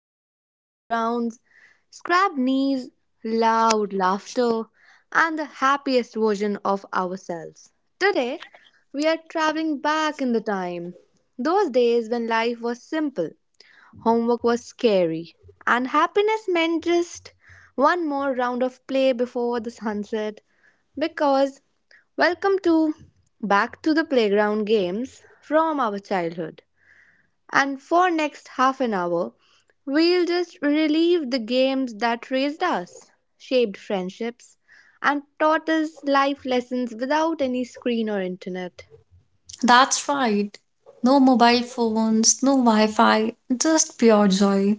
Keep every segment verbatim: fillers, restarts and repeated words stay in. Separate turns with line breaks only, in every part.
dusty playgrounds, scrabbed knees, loud laughter, and the happiest version of ourselves. Today, we are traveling back in the time, those days when life was simple, homework was scary, and happiness meant just one more round of play before the sunset because welcome to back to the playground games from our childhood. And for next half an hour, we'll just relive the games that raised us, shaped friendships, and taught us life lessons without any screen or internet.
That's right. No mobile phones, no Wi Fi, just pure joy.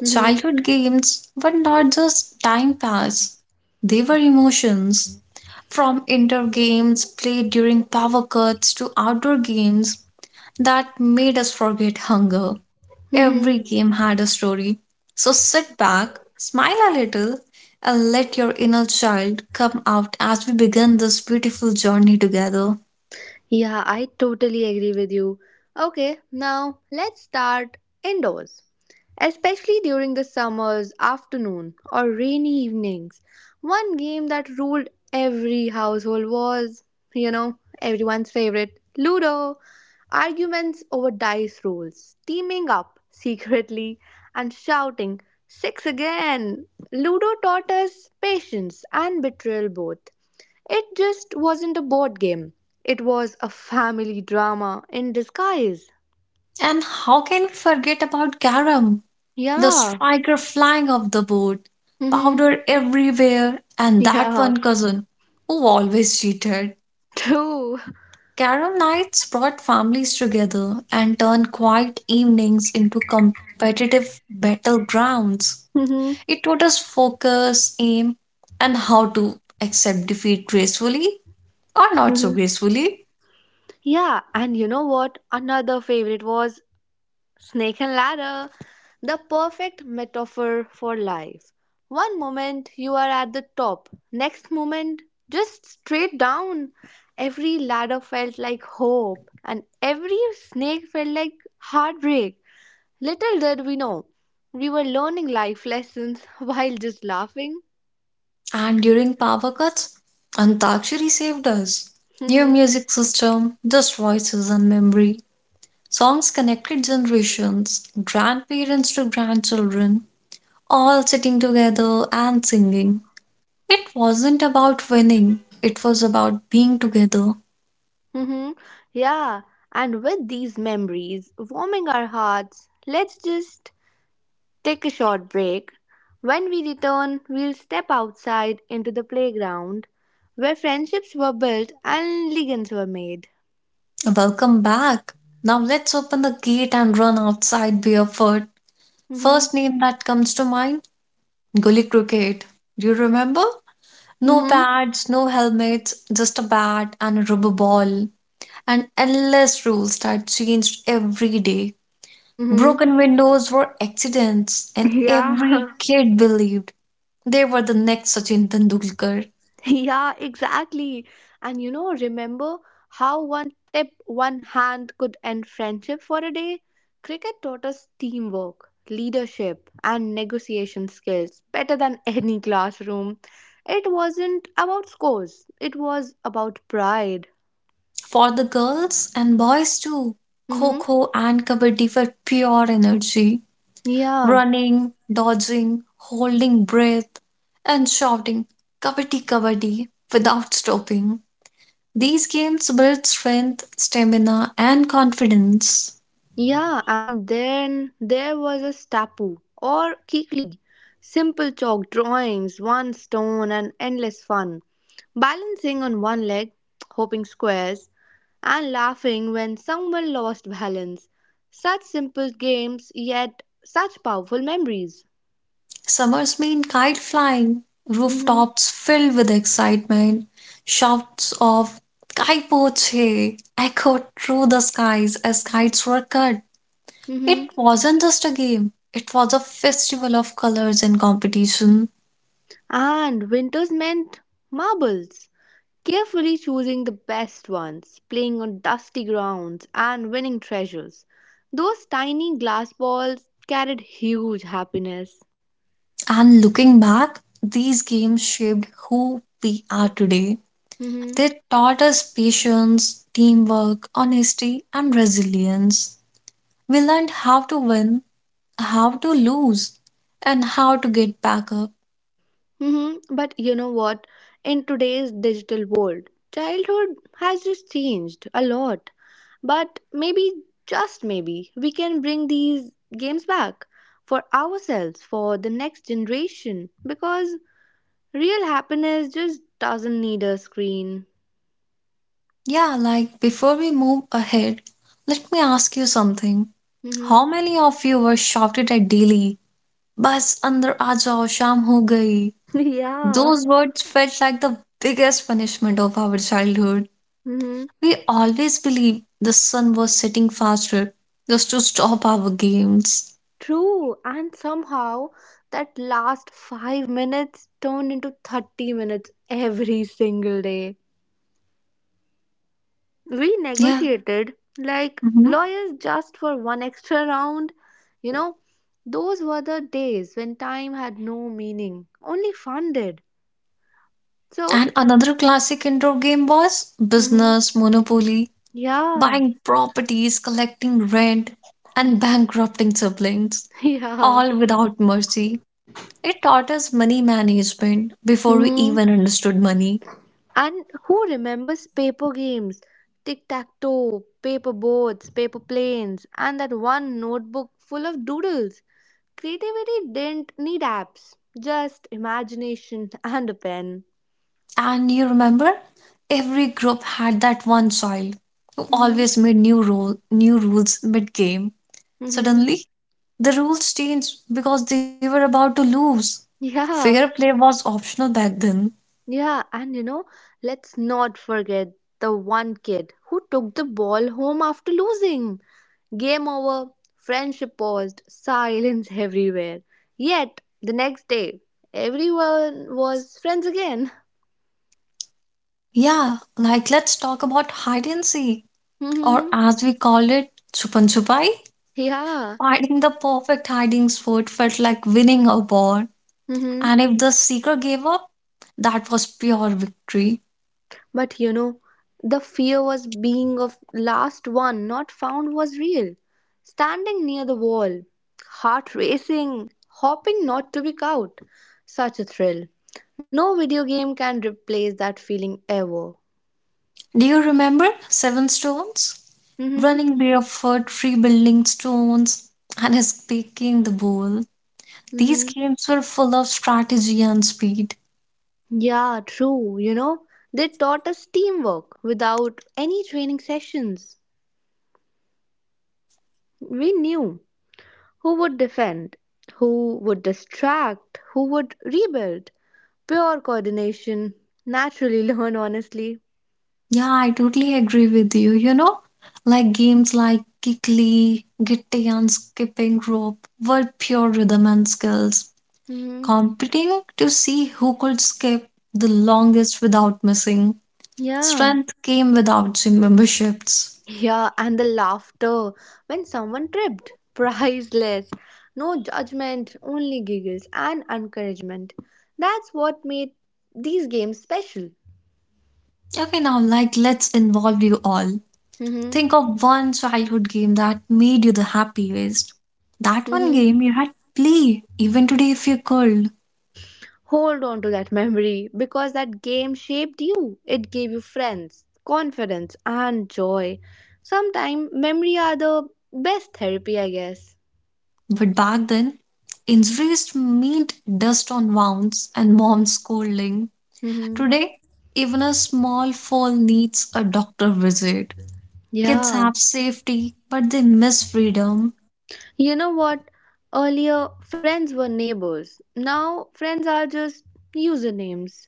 Mhm.
Childhood games were not just time pass, they were emotions. From indoor games played during power cuts to outdoor games that made us forget hunger.
Mhm.
Every game had a story. So sit back, smile a little, and let your inner child come out as we begin this beautiful journey together.
Yeah, I totally agree with you. Okay, now let's start indoors. Especially during the summer's afternoon or rainy evenings. One game that ruled every household was, you know, everyone's favorite Ludo. Arguments over dice rolls, teaming up secretly, and shouting, "Six again! Ludo taught us patience and betrayal both. It just wasn't a board game. It was a family drama in disguise."
And how can we forget about Garam, the
Yeah.
striker flying off the board,
Mm-hmm.
powder everywhere, and that
Yeah.
one cousin who always cheated?
True.
Carom nights brought families together and turned quiet evenings into competitive battlegrounds.
Mm-hmm.
It taught us focus, aim, and how to accept defeat gracefully or not so gracefully.
Yeah. And you know what? Another favorite was Snake and Ladder, the perfect metaphor for life. One moment you are at the top, next moment just straight down. Every ladder felt like hope, and every snake felt like heartbreak. Little did we know, we were learning life lessons while just laughing.
And during power cuts, Antakshari saved us. New music system, just voices and memory. Songs connected generations, grandparents to grandchildren, all sitting together and singing. It wasn't about winning, it was about being together.
Mm-hmm. Yeah, and with these memories warming our hearts, let's just take a short break. When we return, we'll step outside into the playground where friendships were built and legends were made.
Welcome back. Now let's open the gate and run outside barefoot.
Mm-hmm.
First name that comes to mind, Gully Cricket. Do you remember? No
Mm-hmm.
pads, no helmets, just a bat and a rubber ball, and endless rules that changed every day.
Mm-hmm.
Broken windows were accidents, and every
Yeah,
kid believed they were the next Sachin Tendulkar.
yeah, exactly. And you know, remember how one tip, one hand could end friendship for a day? Cricket taught us teamwork, leadership, and negotiation skills better than any classroom. It wasn't about scores, it was about pride.
For the girls and boys too, Kho
Mm-hmm.
Kho and Kabaddi were pure energy.
Yeah.
Running, dodging, holding breath, and shouting Kabaddi Kabaddi without stopping. These games build strength, stamina, and confidence.
Yeah, and then there was a stapu or kikli. Simple chalk drawings, one stone, and endless fun. Balancing on one leg, hoping squares, and laughing when someone lost balance. Such simple games, yet such powerful memories.
Summers mean kite flying,
Mm-hmm.
rooftops filled with excitement, shouts of Kai Poche echoed through the skies as kites were cut. It
Mm-hmm.
wasn't just a game, it was a festival of colors and competition.
And winters meant marbles, carefully choosing the best ones, playing on dusty grounds, and winning treasures. Those tiny glass balls carried huge happiness.
And looking back, these games shaped who we are today.
Hmm.
They taught us patience, teamwork, honesty, and resilience. We learned how to win, how to lose, and how to get back up.
Hmm. But you know what? In today's digital world, childhood has just changed a lot. But maybe, just maybe, we can bring these games back for ourselves, for the next generation, because real happiness just doesn't need a screen.
Yeah, like before we move ahead, let me ask you something.
Mhm.
How many of you were shouted at daily? Bas andar aa jao, sham ho gayi.
Yeah.
Those words felt like the biggest punishment of our childhood.
Mhm.
We always believed the sun was setting faster just to stop our games.
True. And somehow that last five minutes turned into thirty minutes every single day. We
Yeah.
negotiated like
Mhm.
lawyers just for one extra round. You know, those were the days when time had no meaning, only fun did. So,
And another classic indoor game was
mhm.
business, monopoly.
Yeah,
Buying properties, collecting rent, and bankrupting siblings,
yeah.
all without mercy. It taught us money management before we
Hmm.
even understood money.
And who remembers paper games? Tic tac toe, paper boats, paper planes, and that one notebook full of doodles. Creativity didn't need apps, just imagination and a pen.
And you remember, every group had that one child who
Mm-hmm.
always made new rule, new rules mid-game.
Mm-hmm.
Suddenly, the rules changed because they were about to lose. Fair
Yeah,
play was optional back then.
yeah, and you know, let's not forget the one kid who took the ball home after losing. Game over. Friendship paused. Silence everywhere. Yet, the next day, everyone was friends again.
Yeah, like let's talk about hide and seek, or
Hmm.
as we call it, chupan chupai.
Yeah.
Finding the perfect hiding spot felt like winning a war.
Hmm.
And if the seeker gave up, that was pure victory.
But you know, the fear was being of last one not found was real. Standing near the wall, heart racing, hoping not to be caught. Such a thrill. No video game can replace that feeling ever.
Do you remember Seven Stones?
Hmm.
Running barefoot, rebuilding stones, and escaping the bowl. These
Hmm.
games were full of strategy and speed.
Yeah, true. You know, they taught us teamwork without any training sessions. We knew who would defend, who would distract, who would rebuild. Pure coordination. Naturally learned. Honestly.
Yeah, I totally agree with you. You know, like games like Kikli, Gitti, and Skipping Rope were pure rhythm and skills
Hmm.
competing to see who could skip the longest without missing.
Yeah.
Strength came without gym memberships.
Yeah, and the laughter when someone tripped. Priceless. No judgment, only giggles and encouragement. That's what made these games special.
Okay, now like let's involve you all.
Mm-hmm.
Think of one childhood game that made you the happiest. That one
Mm-hmm.
game you had play even today if you could.
Hold on to that memory because that game shaped you. It gave you friends, confidence, and joy. Sometimes memory are the best therapy, I guess.
But back then, injuries meant dust on wounds and mom scolding.
Hmm.
Today, even a small fall needs a doctor visit. Kids
Yeah.
have safety, but they miss freedom.
You know what? Earlier, friends were neighbors. Now, friends are just usernames.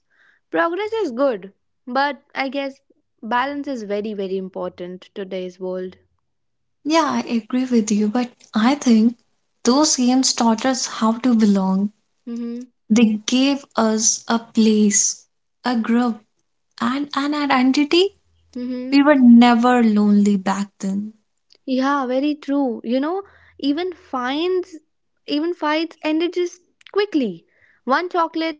Progress is good, but I guess balance is very, very important to today's world.
Yeah, I agree with you, but I think those games taught us how to belong.
Mm-hmm.
They gave us a place, a group, and an identity. We
Mm-hmm.
were never lonely back then.
Yeah, very true. You know, even fines, even fights ended just quickly. One chocolate,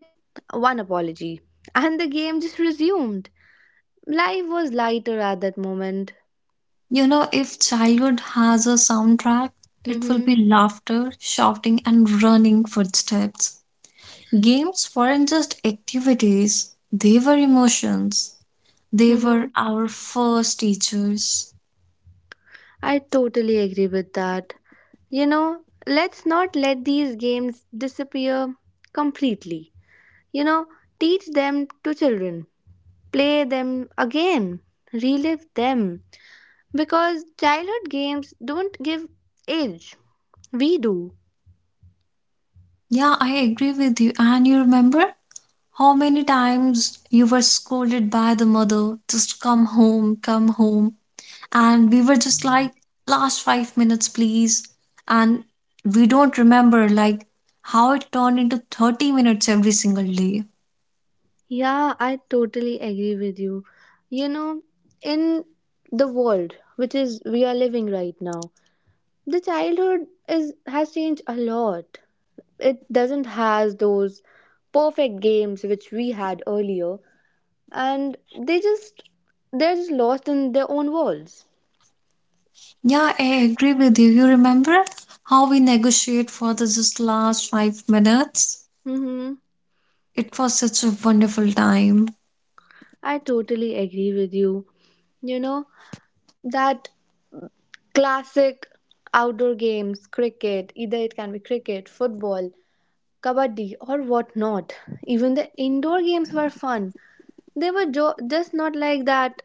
one apology, and the game just resumed. Life was lighter at that moment.
You know, if childhood has a soundtrack, it will
Mhm.
be laughter, shouting, and running footsteps. Games weren't just activities, they were emotions. They were
Mhm.
our first teachers.
I totally agree with that. You know, let's not let these games disappear completely. You know, teach them to children. Play them again. Relive them. Because childhood games don't give age. We do.
Yeah, I agree with you. And you remember how many times you were scolded by the mother, just come home, come home. And we were just like, last five minutes, please. And we don't remember like how it turned into thirty minutes every single day.
Yeah, I totally agree with you. You know, in the world which is we are living right now, the childhood is has changed a lot. It doesn't has those perfect games which we had earlier and they just they're just lost in their own worlds.
Yeah, I agree with you. You remember how we negotiate for the just last five minutes?
Mhm.
It was such a wonderful time.
I totally agree with you. You know, that classic outdoor games, cricket, either it can be cricket, football, kabaddi, or whatnot. Even the indoor games were fun. They were jo- just not like that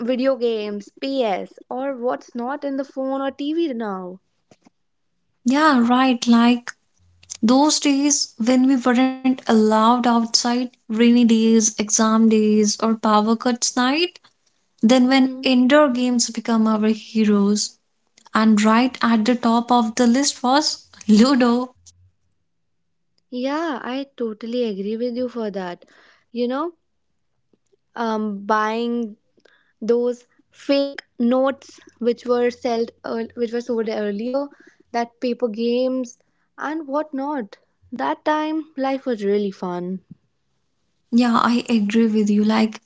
video games, P S, or what's not in the phone or T V now.
Yeah, right. Like those days when we weren't allowed outside, rainy days, exam days, or power cuts night, then when
Mm-hmm.
indoor games become our heroes. And right at the top of the list was Ludo.
Yeah, I totally agree with you for that. You know, um, buying those fake notes which were sold earl- which were sold earlier that paper games and whatnot that time life was really fun.
Yeah, I agree with you. Like,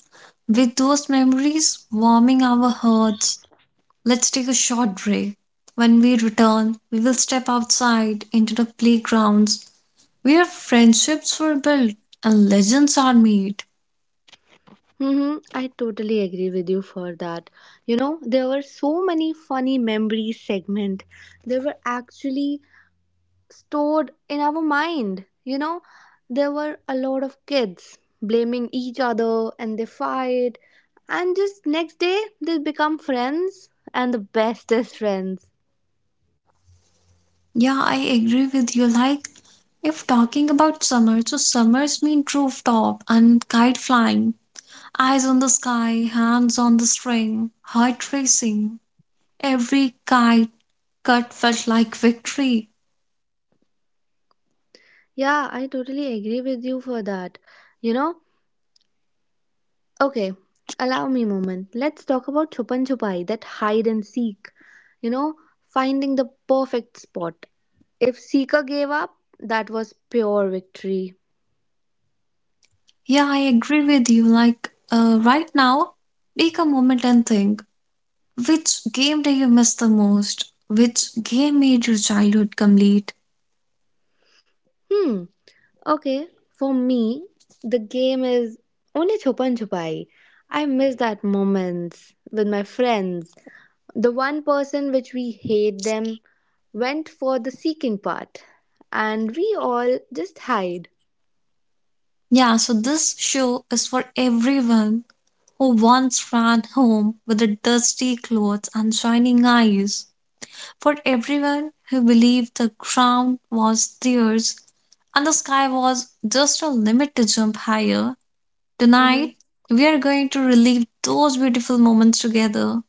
with those memories warming our hearts, let's take a short break. When we return, we will step outside into the playgrounds where friendships were built and legends are made.
Mm-hmm, I totally agree with you for that. You know, there were so many funny memories segment there were actually stored in our mind. You know, there were a lot of kids blaming each other and they fight, and just next day they become friends and the bestest friends.
Yeah, I agree with you. Like, if talking about summer, so summers mean rooftop and kite flying, eyes on the sky, hands on the string, heart racing. Every kite cut felt like victory.
Yeah, I totally agree with you for that. You know, okay, allow me a moment. Let's talk about chupan chupai, that hide and seek. You know, finding the perfect spot. If seeker gave up, that was pure victory.
Yeah, I agree with you. Like, uh, right now, take a moment and think which game do you miss the most? Which game made your childhood complete?
Hmm. Okay, for me, the game is only Chupan Chupai. I miss that moments with my friends. The one person which we hate them went for the seeking part, and we all just hide.
Yeah, so this show is for everyone who once ran home with the dusty clothes and shining eyes. For everyone who believed the ground was theirs and the sky was just a limit to jump higher,
Hmm.
tonight we are going to relive those beautiful moments together.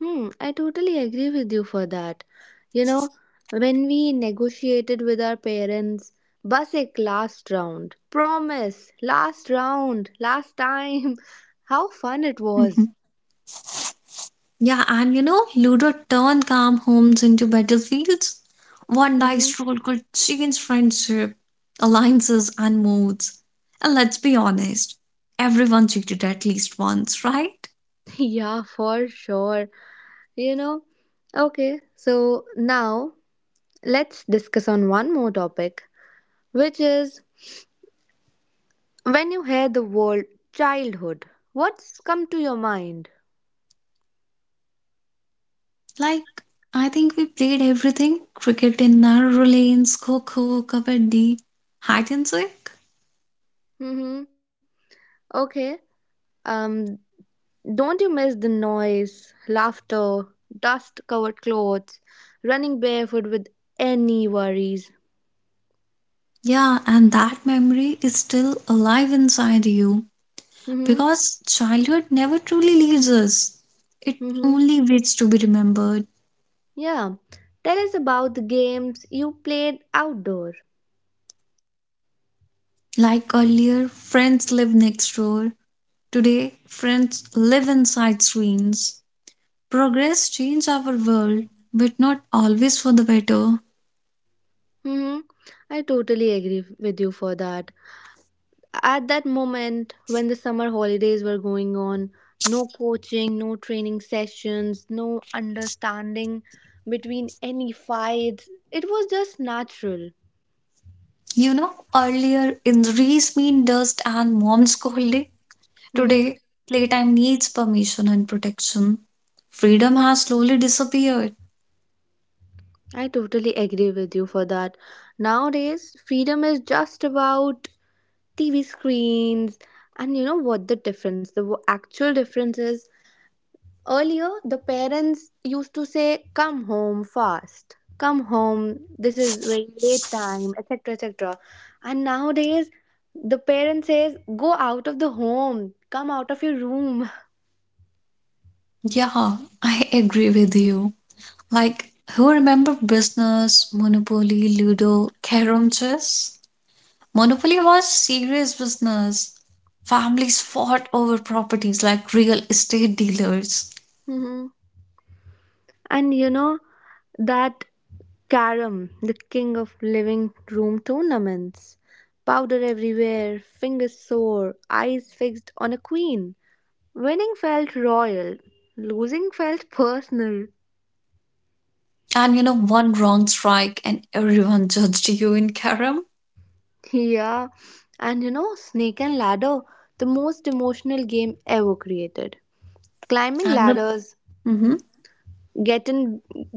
Hmm, I totally agree with you for that. You know, when we negotiated with our parents, Basik last round, promise, last round, last time. How fun it was.
Yeah, and you know, Ludo turned calm homes into battlefields. One dice roll could change friendship, alliances, and moods. And let's be honest, everyone cheated at least once, right?
Yeah, for sure. You know, okay, so now let's discuss on one more topic, which is when you hear the word childhood, what's come to your mind?
Like, I think we played everything cricket in narrow lanes, kho kho, kabaddi, hide and seek.
Mm-hmm. Okay. Um, don't you miss the noise, laughter, dust-covered clothes, running barefoot with any worries?
Yeah, and that memory is still alive inside you
Mm-hmm.
because childhood never truly leaves us, it
Mm-hmm.
only waits to be remembered.
Yeah. Tell us about the games you played outdoor.
Like earlier, friends lived next door. Today, friends live inside screens. Progress changed our world, but not always for the better.
Mm-hmm. I totally agree with you for that. At that moment, when the summer holidays were going on, no coaching, no training sessions, no understanding between any fights. It was just natural.
You know, earlier injuries mean dust and mom scolding.
Mm-hmm.
Today, playtime needs permission and protection. Freedom has slowly disappeared.
I totally agree with you for that. Nowadays, freedom is just about T V screens, and you know what the difference, the w- actual difference is earlier, the parents used to say, "Come home fast, come home, this is very late time, et cetera et cetera" And nowadays, the parent says, "Go out of the home, come out of your room."
Yeah, I agree with you. Like, who remember business, monopoly, ludo, carom chess? Monopoly was serious business. Families fought over properties like real estate dealers.
Mhm. And you know, that Carom, the king of living room tournaments. Powder everywhere, fingers sore, eyes fixed on a queen. Winning felt royal, losing felt personal.
And you know, one wrong strike and everyone judged you in Karam.
Yeah, and you know, Snake and Ladder, the most emotional game ever created. Climbing
And the
ladders,
hmm
getting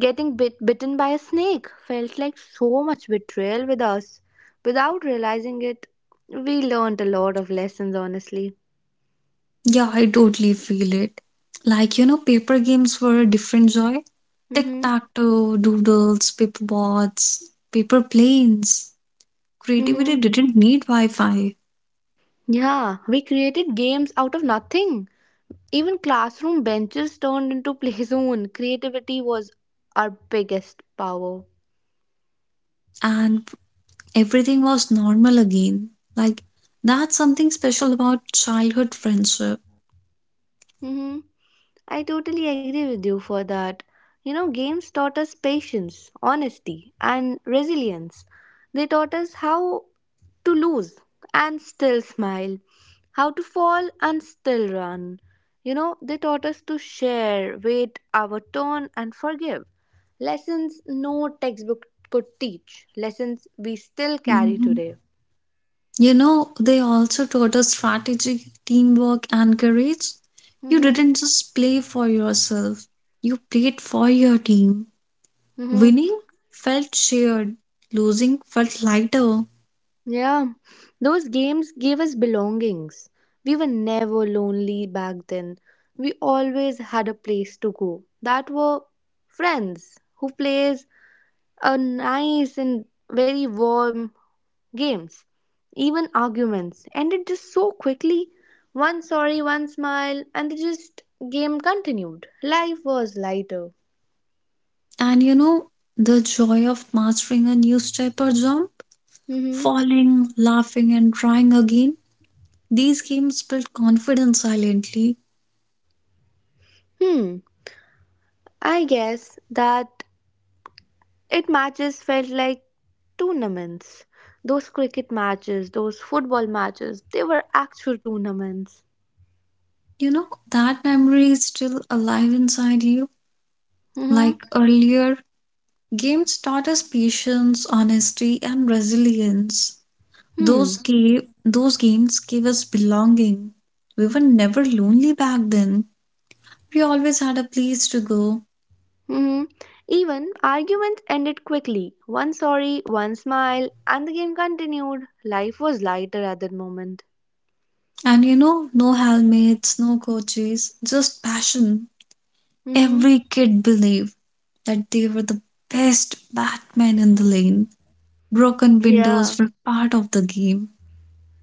getting bit bitten by a snake felt like so much betrayal with us. Without realizing it, we learned a lot of lessons, honestly.
Yeah, I totally feel it. Like you know, paper games were a different joy. Tic
Mm-hmm.
tac toe, doodles, paper boards, paper planes. Creativity
Mm-hmm.
didn't need Wi-Fi,
Yeah, we created games out of nothing. Even classroom benches turned into play zone. Creativity was our biggest power.
and everything was normal again. Like, that's something special about childhood friendship.
Mm-hmm. I totally agree with you for that. You know, games taught us patience, honesty, and resilience. They taught us how to lose and still smile, how to fall and still run. You know, they taught us to share, wait our turn, and forgive. Lessons no textbook could teach, lessons we still carry
Mhm.
today.
You know, they also taught us strategy, teamwork, and courage. You
Mm-hmm.
didn't just play for yourself, you played for your team.
Mm-hmm.
Winning felt shared, losing felt lighter.
Yeah, those games gave us belongings. We were never lonely back then. We always had a place to go. That were friends who plays a nice and very warm games. Even arguments ended just so quickly. One sorry, one smile, and the just game continued. Life was lighter.
And you know, the joy of mastering a new step or jump,
Mm-hmm.
falling, laughing, and trying again. These games built confidence silently.
Hmm. I guess that it matches felt like tournaments. Those cricket matches, those football matches, they were actual tournaments.
You know, that memory is still alive inside you.
Hmm.
Like earlier, games taught us patience, honesty, and resilience.
Hmm.
Those gave those games gave us belonging. We were never lonely back then. We always had a place to go.
Hmm. Even arguments ended quickly. One sorry, one smile, and the game continued. Life was lighter at that moment.
And you know, no helmets, no coaches, just passion.
Hmm.
Every kid believed that they were the best Batman in the lane. Broken
Yeah.
windows were part of the game.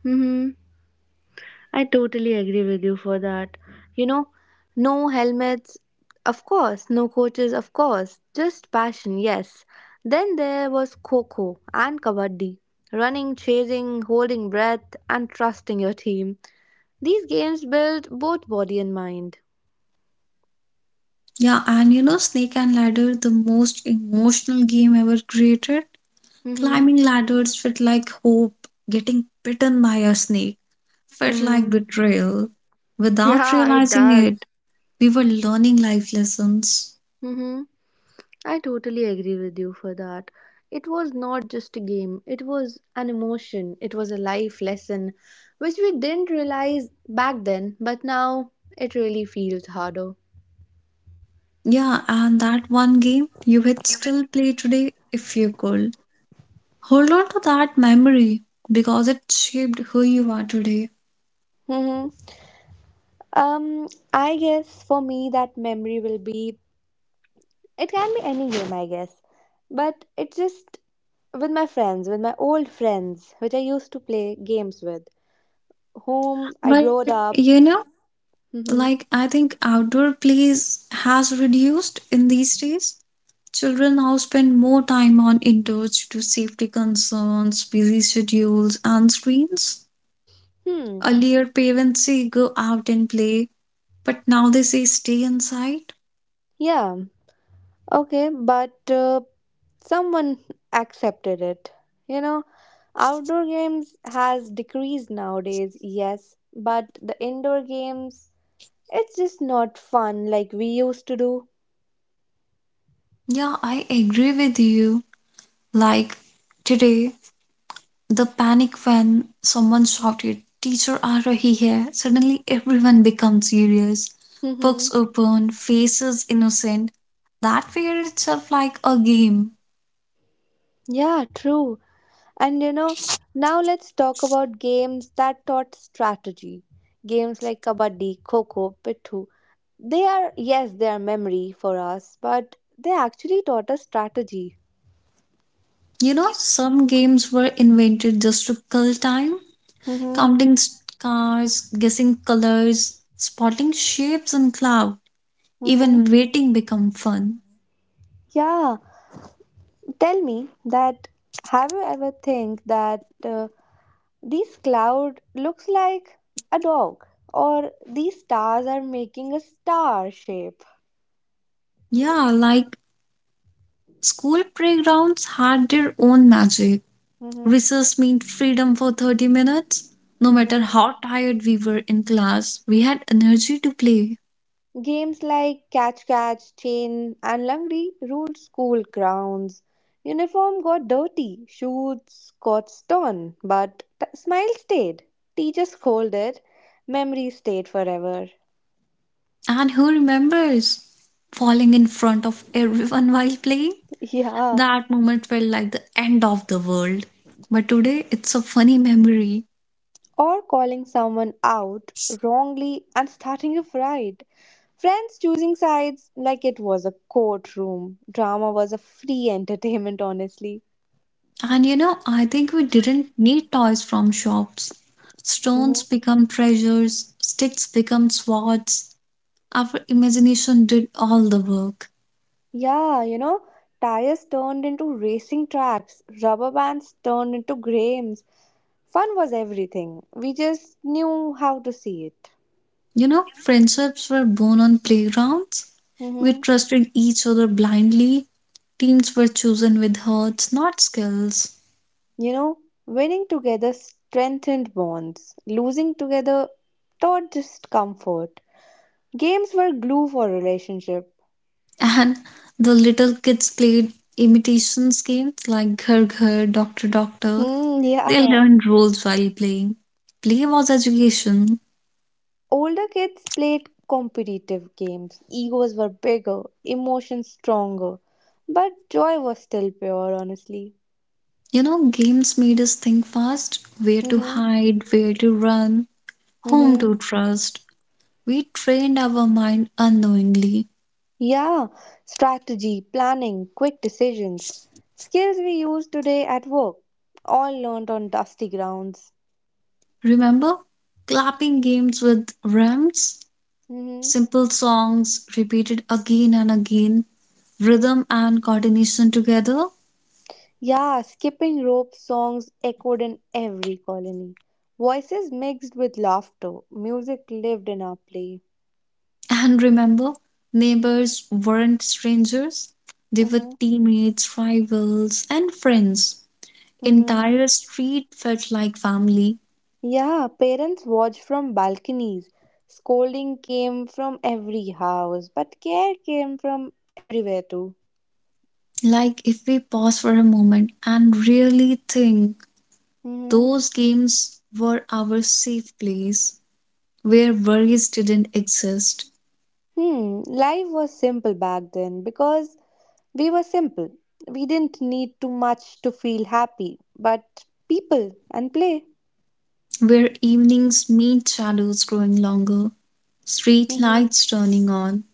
Hmm. I totally agree with you for that. You know, no helmets, of course, no coaches, of course, just passion, yes. Then there was Coco and Kabaddi. Running, chasing, holding breath, and trusting your team. These games build both body and mind.
Yeah, and you know, Snake and Ladder, the most emotional game ever created.
Mm-hmm.
Climbing ladders felt like hope. Getting bitten by a snake felt like
Mm-hmm.
betrayal. Without
Yeah, it
realizing
does.
it, we were learning life lessons.
Mm-hmm. I totally agree with you for that. It was not just a game, it was an emotion, it was a life lesson, which we didn't realize back then, but now it really feels harder.
Yeah, and that one game you would still play today if you could. Hold on to that memory because it shaped who you are today.
Mm-hmm. Um, I guess for me that memory will be it can be any game, I guess. But it's just with my friends, with my old friends, which I used to play games with, whom I growed
But
up.
you know,
Mm-hmm.
like I think outdoor plays has reduced in these days. Children now spend more time on indoors due to safety concerns, busy schedules, and screens.
Hmm.
Earlier, parents say go out and play, but now they say stay inside.
Yeah. Okay, but uh, someone accepted it. You know, outdoor games has decreased nowadays, yes, but the indoor games, it's just not fun like we used to do.
Yeah, I agree with you. Like today, the panic when someone shouted, Teacher aa rahi hai, suddenly everyone becomes serious.
Mm-hmm.
Books open, faces innocent. That fear itself like a game.
Yeah, true. And you know, now let's talk about games that taught strategy. Games like kabaddi, kho-kho, pittu. They are, yes, they are memory for us, but they actually taught us strategy.
You know, some games were invented just to kill time,
Mm-hmm.
counting stars, guessing colors, spotting shapes in cloud.
Mm-hmm.
Even waiting become fun.
Yeah, tell me that have you ever think that uh, this cloud looks like a dog or these stars are making a star shape?
Yeah, like school playgrounds had their own magic.
Mhm,
Recess meant freedom for thirty minutes. No matter
mhm.
how tired we were in class, we had energy to play.
Games like catch catch, chain and langri ruled school grounds. Uniform got dirty, shoes got torn, but t- smile stayed. Teacher scolded, memory stayed forever.
And who remembers falling in front of everyone while playing?
Yeah.
That moment felt like the end of the world. But today it's a funny memory.
Or calling someone out wrongly and starting a fight. Friends choosing sides like it was a courtroom. Drama was a free entertainment, honestly.
And you know, I think we didn't need toys from shops. Stones
Mhm.
become treasures, sticks become swords. Our imagination did all the work.
Yeah, you know, tires turned into racing tracks, rubber bands turned into games. Fun was everything. We just knew how to see it.
You know, friendships were born on playgrounds. We
Hmm.
trusted each other blindly. Teams were chosen with hearts, not skills.
You know, winning together strengthened bonds, losing together taught discomfort. Games were glue for relationship.
And the little kids played imitations games like Ghar Ghar, Doctor Doctor.
Hmm,
They
yeah.
learned roles while playing. Play was education.
Older kids played competitive games. Egos were bigger, emotions stronger, but joy was still pure, honestly.
You know, games made us think fast, where to
Mm-hmm.
hide, where to run, whom
Mm-hmm.
to trust. We trained our mind unknowingly.
Yeah, strategy, planning, quick decisions. Skills we use today at work, all learned on dusty grounds.
Remember? Clapping games with rhymes,
Mm-hmm.
simple songs repeated again and again, rhythm and coordination together.
Yeah, skipping rope songs echoed in every colony. Voices mixed with laughter. Music lived in our play.
And remember, neighbors weren't strangers, they were
Mm-hmm.
teammates, rivals, and friends.
Mm-hmm.
Entire street felt like family.
Yeah, parents watched from balconies. Scolding came from every house, but care came from everywhere too.
Like, if we pause for a moment and really think,
Mm-hmm.
those games were our safe place where worries didn't exist,
Hmm, life was simple back then because we were simple. We didn't need too much to feel happy, but people and play.
where evenings meet shadows growing longer, street
Mm-hmm.
lights turning on,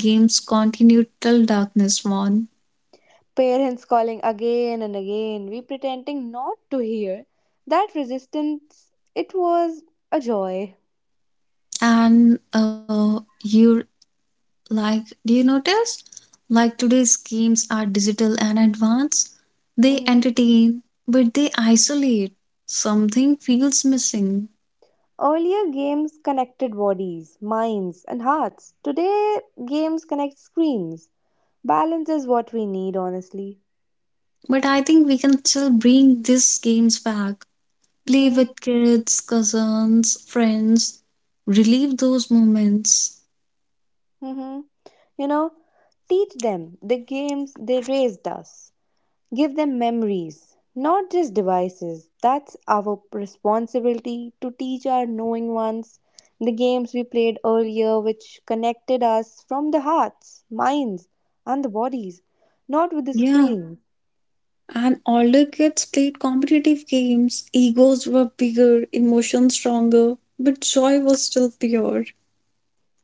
games continued till darkness won.
Parents calling again and again, we pretending not to hear. That resistance, it was a joy.
And uh, you Like, do you notice? Like today's games are digital and advanced. They
Mhm.
entertain, but they isolate. Something feels missing.
Earlier, games connected bodies, minds, and hearts. Today, games connect screens. Balance is what we need, honestly.
But I think we can still bring these games back. Play
Hmm.
with kids, cousins, friends. Relive those moments.
Hmm. You know, teach them the games they raised us. Give them memories, not just devices. That's our responsibility to teach our knowing ones the games we played earlier, which connected us from the hearts, minds, and the bodies, not with the
Yeah,
screen.
and older kids played competitive games. Egos were bigger, emotions stronger, but joy was still pure.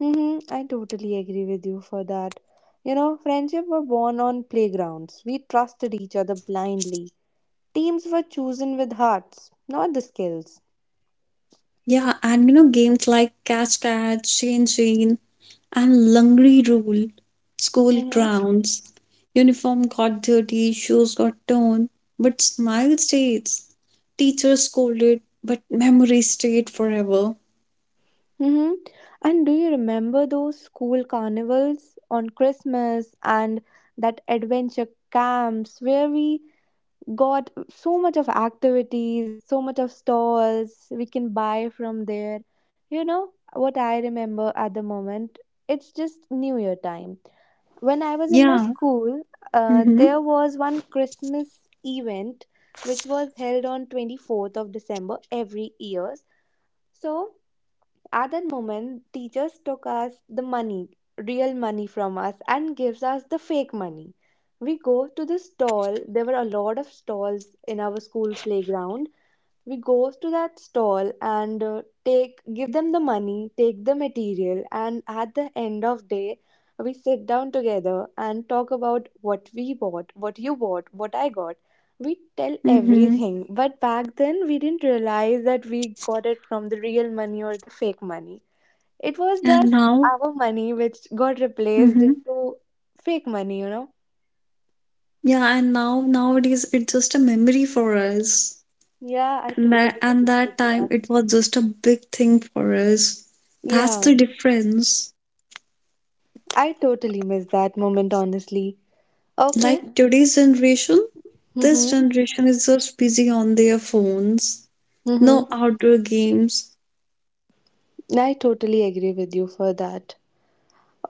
Mm-hmm, I totally agree with you for that. You know, friendship were born on playgrounds. We trusted each other blindly. Teams were chosen with hearts, not the skills.
Yeah, and you know, games like Catch Catch, Chain Chain, and Lungri Rule, school grounds. Uniform got dirty, shoes got torn, but smile stays. Teacher scolded, but memory stayed forever.
Mm-hmm. And do you remember those school carnivals on Christmas and that adventure camps where we got so much of activities, so much of stalls we can buy from there? You know what I remember at the moment? It's just New Year time. When I was in my
Yeah.
school, uh,
Mm-hmm.
there was one Christmas event which was held on twenty-fourth of December every year. So at that moment, teachers took us the money, real money from us, and gives us the fake money. We go to the stall. There were a lot of stalls in our school playground, we goes to that stall and uh, take give them the money, take the material, and at the end of day we sit down together and talk about what we bought, what you bought, what I got. We tell
Mm-hmm.
everything, but back then we didn't realize that we got it from the real money or the fake money. It was
And
just
now,
our money which got replaced
mm-hmm.
into fake money, you know.
Yeah, and now nowadays it's just a memory for us.
Yeah, I
And that
totally
and
agree with
that time
you.
it was just a big thing for us. That's
Yeah,
the difference.
I totally miss that moment, honestly. Okay.
Like today's generation, this
Mm-hmm.
generation is just busy on their phones, no
Mm-hmm.
outdoor games.
I totally agree with you for that.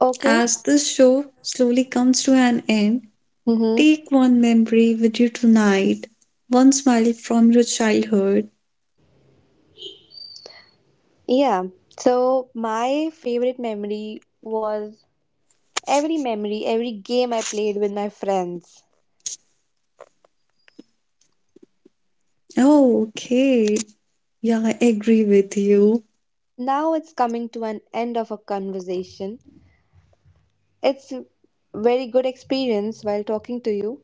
Okay.
As this show slowly comes to an end,
Mm-hmm.
take one memory with you tonight, one smile from your childhood.
Yeah. So my favorite memory was every memory, every game I played with my friends.
Oh, okay. Yeah, I agree with you.
Now it's coming to an end of a conversation. It's a very good experience while talking to you.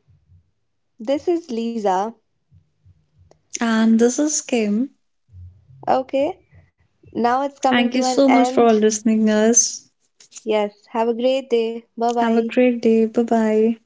This is Lisa.
And this is Kim.
Okay. Now it's coming
Thank
to
you
an
so much
end.
for listening us.
Yes. Have a great day. Bye
Have a
bye.
great day. Bye bye.